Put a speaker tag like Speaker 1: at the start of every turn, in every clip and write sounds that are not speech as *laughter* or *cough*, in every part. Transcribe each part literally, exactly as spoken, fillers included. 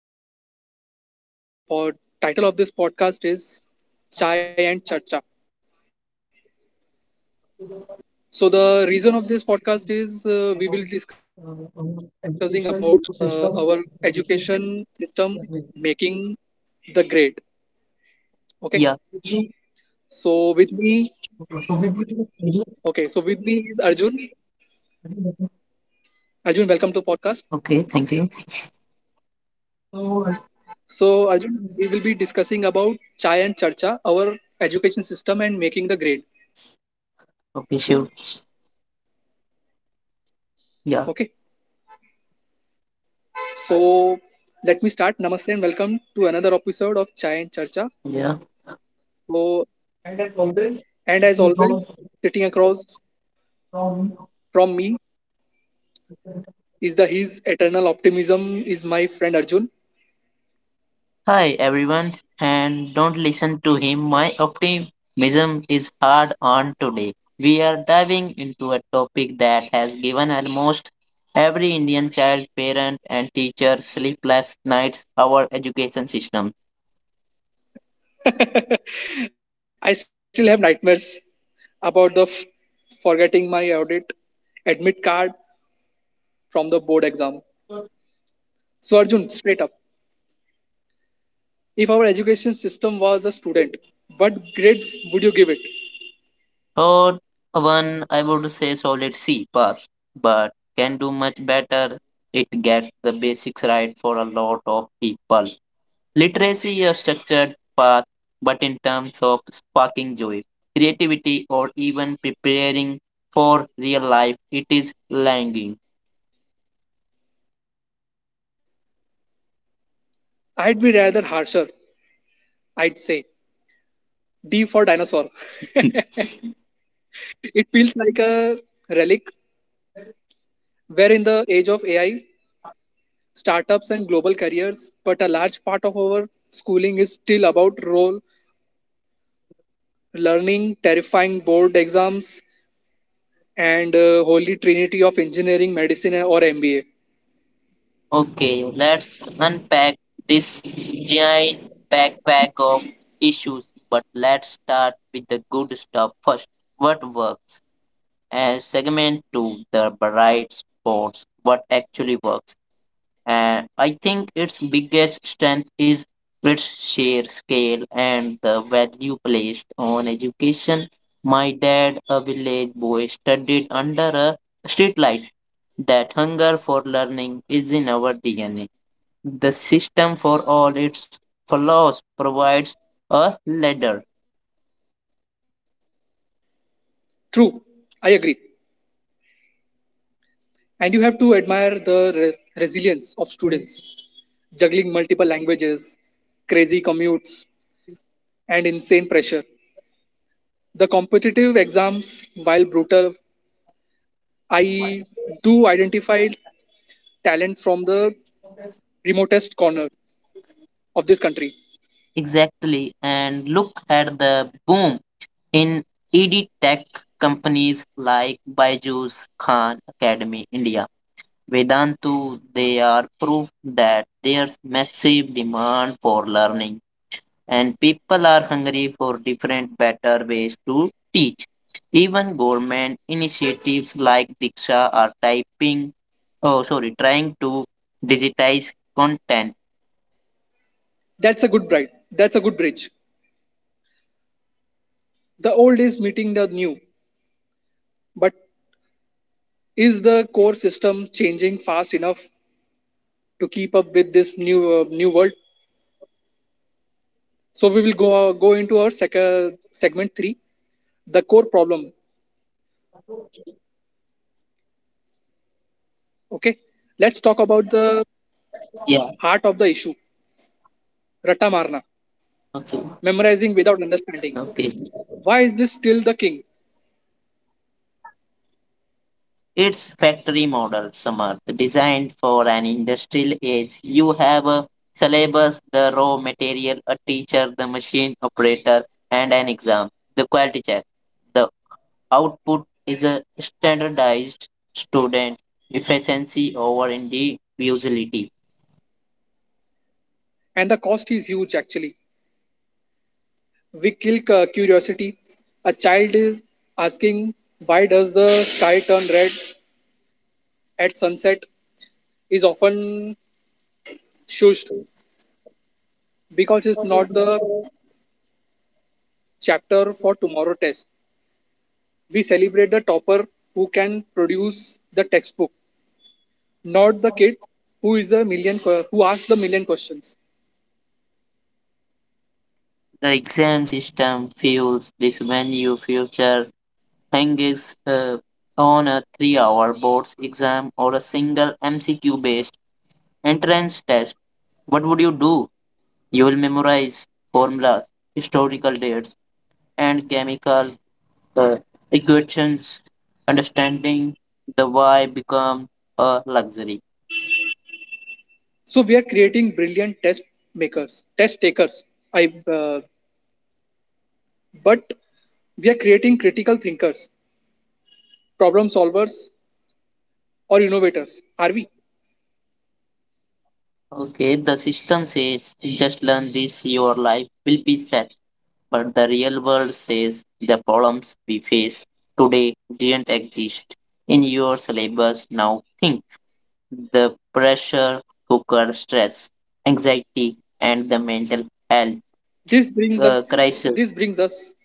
Speaker 1: to our podcast. So, the pod- title of this podcast is Chai and Charcha. So, the reason of this podcast is uh, we will discussing about uh, our education system making the great. Okay, so with me, okay, so with me is Arjun. Arjun, welcome to podcast. So, Arjun, we will be discussing about Chai and Charcha, our education system and making the grade. Okay, so let me start. Namaste and welcome to another episode of Chai and Charcha. So, and as always, sitting across from me is the his eternal optimism is my friend Arjun.
Speaker 2: Hi everyone, and don't listen to him. My optimism is hard on today. We are diving into a topic that has given almost every Indian child, parent, and teacher sleepless nights our education system.
Speaker 1: I still have nightmares about the f- forgetting my audit admit card from the board exam. So Arjun, straight up, if our education system was a student, what grade would you give it?
Speaker 2: Or one, I would say solid C pass, but can do much better. It gets the basics right for a lot of people. Literacy a structured path, but in terms of sparking joy, creativity, or even preparing for real life, it is lagging.
Speaker 1: I'd be rather harsher. I'd say D for dinosaur. *laughs*
Speaker 2: *laughs*
Speaker 1: It feels like a relic where, in the age of A I, startups, and global careers, but a large part of our schooling is still about role learning, terrifying board exams, and uh, holy trinity of engineering, medicine, or M B A.
Speaker 2: Okay, let's unpack this giant backpack of issues, but let's start with the good stuff first. What works? And segment two, the bright spots. What actually works? And I think its biggest strength is its sheer scale and the value placed on education. My dad, a village boy, studied under a streetlight. That hunger for learning is in our D N A. The system, for all its flaws, provides a ladder.
Speaker 1: True, I agree. And you have to admire the re- resilience of students juggling multiple languages, crazy commutes, and insane pressure. The competitive exams, while brutal, I do identify talent from the remotest corner of this country.
Speaker 2: Exactly. And look at the boom in E D tech companies like Byju's Khan Academy India Vedantu, they are proof that there's massive demand for learning and people are hungry for different better ways to teach. Even government initiatives like Diksha are typing, oh sorry, trying to digitize content.
Speaker 1: That's a good bride. That's a good bridge. The old is meeting the new, but is the core system changing fast enough to keep up with this new uh, new world? So we will go uh, go into our sec- uh, segment three, the core problem. Okay, let's talk about
Speaker 2: Yeah.
Speaker 1: the heart of the issue, Ratta
Speaker 2: Okay.
Speaker 1: Marna, memorizing
Speaker 2: Okay.
Speaker 1: without understanding. Why is this still the king?
Speaker 2: It's factory model, Samarth, designed for an industrial age. You have a syllabus, the raw material, a teacher, the machine operator, and an exam, the quality check. The output is a standardized student efficiency over individuality.
Speaker 1: And the cost is huge, actually we kill cu- curiosity. A child is asking, why does the sky turn red at sunset is often shushed because it's not the chapter for tomorrow test. We celebrate the topper who can produce the textbook, not the kid who is a million que- who asks the million questions.
Speaker 2: The exam system fuels this venue future hangs uh, on a three-hour boards exam or a single M C Q-based Entrance test. What would you do? You will memorize formulas, historical dates, and chemical uh, equations. Understanding the why become a luxury.
Speaker 1: So we are creating brilliant test makers, test takers. I uh, but we are creating critical thinkers, problem solvers, or innovators. Are we?
Speaker 2: Okay, the system says just learn this, your life will be set. But the real world says the problems we face today didn't exist in your syllabus. Now think. The pressure cooker stress anxiety and the mental health
Speaker 1: This brings us
Speaker 2: uh, crisis.
Speaker 1: this brings us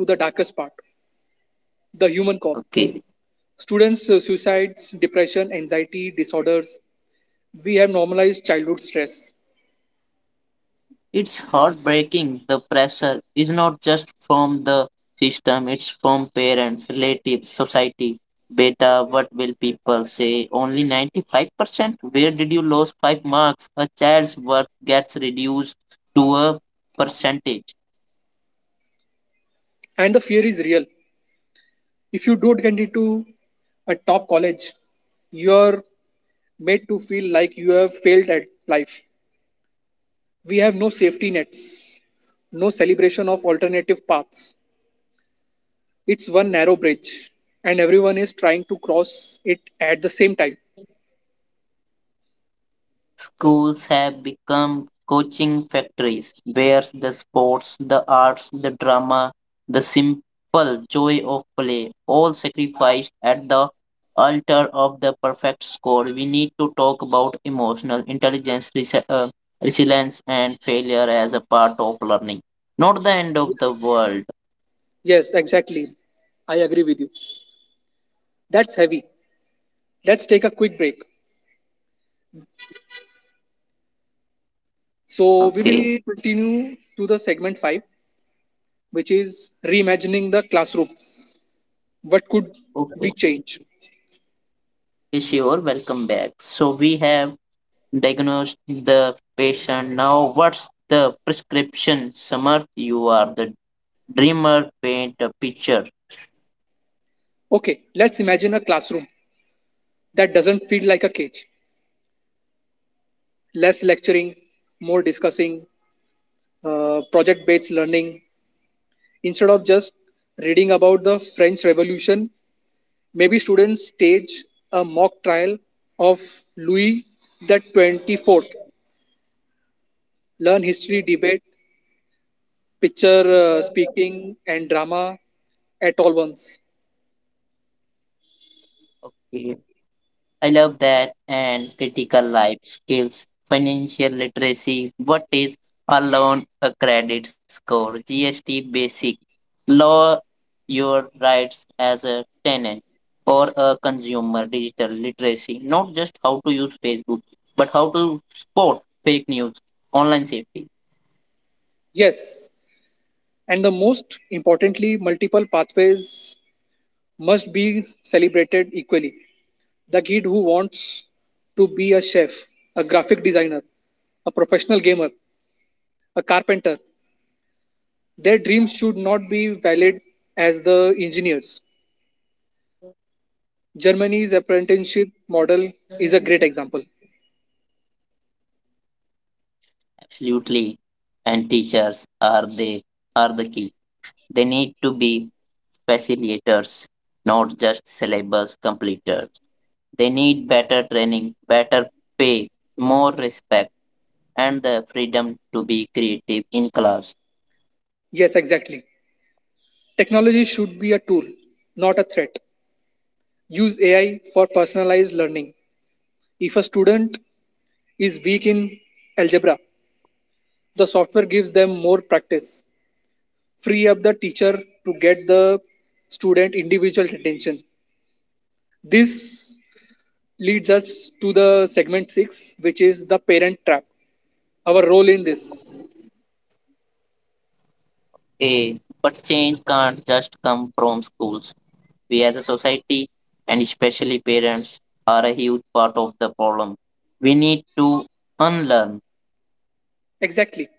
Speaker 1: to the darkest part, the human cause.
Speaker 2: Okay,
Speaker 1: Students uh, suicides, depression, anxiety disorders. We have normalized childhood stress.
Speaker 2: it's heartbreaking. The pressure is not just from the system, it's from parents, relatives, society. Beta, what will people say? Only ninety-five percent? Where did you lose five marks? A child's worth gets reduced to a percentage.
Speaker 1: And the fear is real. If you don't get into a top college, you're made to feel like you have failed at life. We have no safety nets, no celebration of alternative paths. It's one narrow bridge, and everyone is trying to cross it at the same time.
Speaker 2: Schools have become coaching factories where the sports, the arts, the drama, the simple joy of play, all sacrificed at the altar of the perfect score. We need to talk about emotional intelligence, resi- uh, resilience, and failure as a part of learning. Not the end of the
Speaker 1: Yes,
Speaker 2: world.
Speaker 1: Yes, exactly. I agree with you. That's heavy. Let's take a quick break. So, we
Speaker 2: Okay.
Speaker 1: will continue to the segment five, which is reimagining the classroom. What could we
Speaker 2: Okay.
Speaker 1: change?
Speaker 2: Okay, sure. Welcome back. So we have diagnose the patient. Now, what's the prescription? Samarth, you are the dreamer, paint a picture.
Speaker 1: Okay, let's imagine a classroom that doesn't feel like a cage. Less lecturing, more discussing, uh, project based learning. Instead of just reading about the French Revolution, maybe students stage a mock trial of Louis the twenty-fourth, learn history, debate, picture uh, speaking, and drama at all once.
Speaker 2: Okay, I love that. And critical life skills, financial literacy. What is a loan, a credit score, G S T basic, law, your rights as a tenant or a consumer, digital literacy. Not just how to use Facebook, but how to spot fake news, online safety.
Speaker 1: Yes, and the most importantly, multiple pathways must be celebrated equally. The kid who wants to be a chef, a graphic designer, a professional gamer, a carpenter, their dreams should not be valid as the engineers. Germany's apprenticeship model is a great example.
Speaker 2: Absolutely. And teachers are they are the key. They need to be facilitators, not just syllabus completers. They need better training, better pay, more respect, and the freedom to be creative in class.
Speaker 1: Yes, exactly. Technology should be a tool, not a threat. Use A I for personalized learning. If a student is weak in algebra, the software gives them more practice. Free up the teacher to get the student individual attention. This leads us to the segment six, which is the parent trap. Our role in this.
Speaker 2: Okay. But change can't just come from schools. We as a society and especially parents are a huge part of the problem. We need to unlearn.
Speaker 1: Exactly.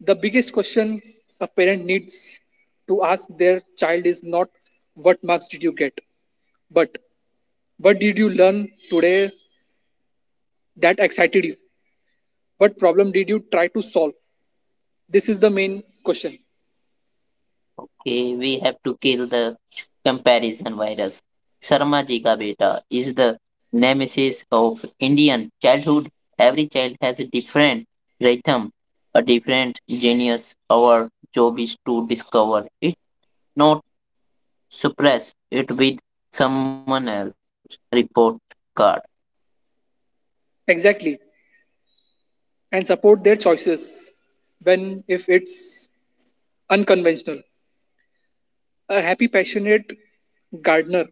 Speaker 1: The biggest question a parent needs to ask their child is not what marks did you get, but what did you learn today that excited you? What problem did you try to solve? This is the main question.
Speaker 2: Okay, we have to kill the comparison virus. Sharma Ji Ka Beta is the nemesis of Indian childhood. Every child has a different rhythm, a different genius. Our job is to discover it, not suppress it with someone else's report card.
Speaker 1: Exactly. And support their choices when if it's unconventional. A happy, passionate gardener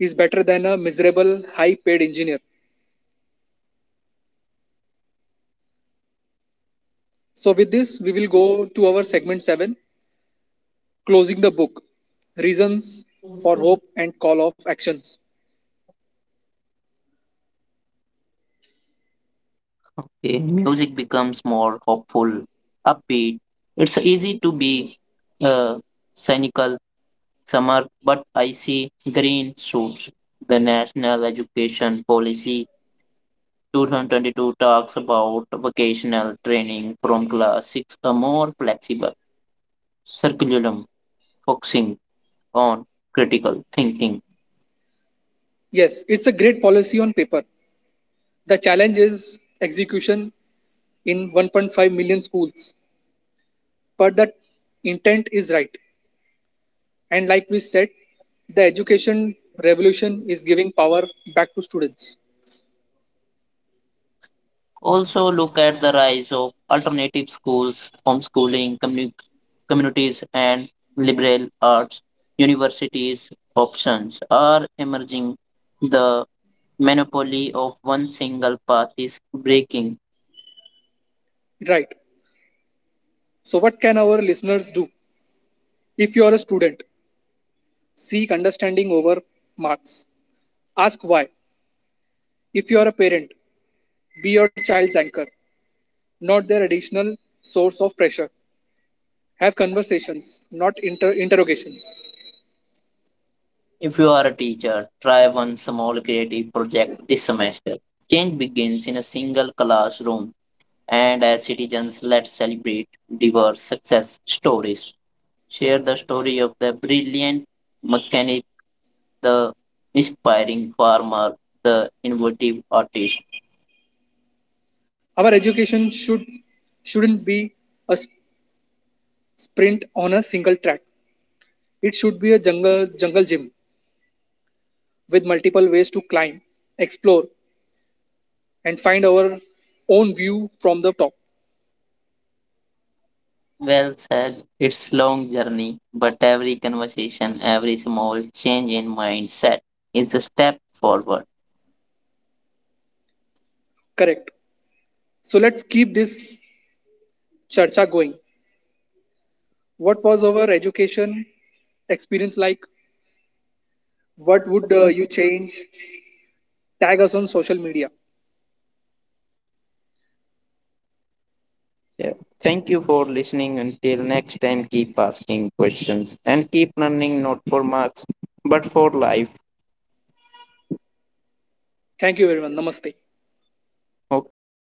Speaker 1: is better than a miserable, high paid engineer. So, with this, we will go to our segment seven, closing the book, reasons for hope and call of actions.
Speaker 2: Okay, music becomes more hopeful, upbeat. It's easy to be uh, cynical Summer, but I see green shoots. The National Education Policy two thousand twenty-two talks about vocational training from class six, a more flexible curriculum focusing on critical thinking.
Speaker 1: Yes, it's a great policy on paper. The challenge is execution in one point five million schools, but the intent is right, and like we said, the education revolution is giving power back to students.
Speaker 2: Also, look at the rise of alternative schools, homeschooling, commu- communities, and liberal arts universities options are emerging. The monopoly of one single path is breaking.
Speaker 1: Right, so what can our listeners do? If you are a student, seek understanding over marks, ask why. If you are a parent, be your child's anchor, not their additional source of pressure. Have conversations, not inter- interrogations.
Speaker 2: If you are a teacher, try one small creative project this semester. Change begins in a single classroom, and as citizens, let's celebrate diverse success stories. Share the story of the brilliant mechanic, the inspiring farmer, the innovative artist.
Speaker 1: Our education should shouldn't be a sprint on a single track. It should be a jungle jungle gym with multiple ways to climb, explore, and find our own view from the top.
Speaker 2: Well said. It's long journey, but every conversation, every small change in mindset is a step forward.
Speaker 1: Correct. So let's keep this charcha going. What was our education experience like? What would uh, you change? Tag us on social media.
Speaker 2: Yeah. Thank you for listening. Until next time, keep asking questions and keep learning not for marks but for life.
Speaker 1: Thank you, everyone. Namaste.
Speaker 2: Okay.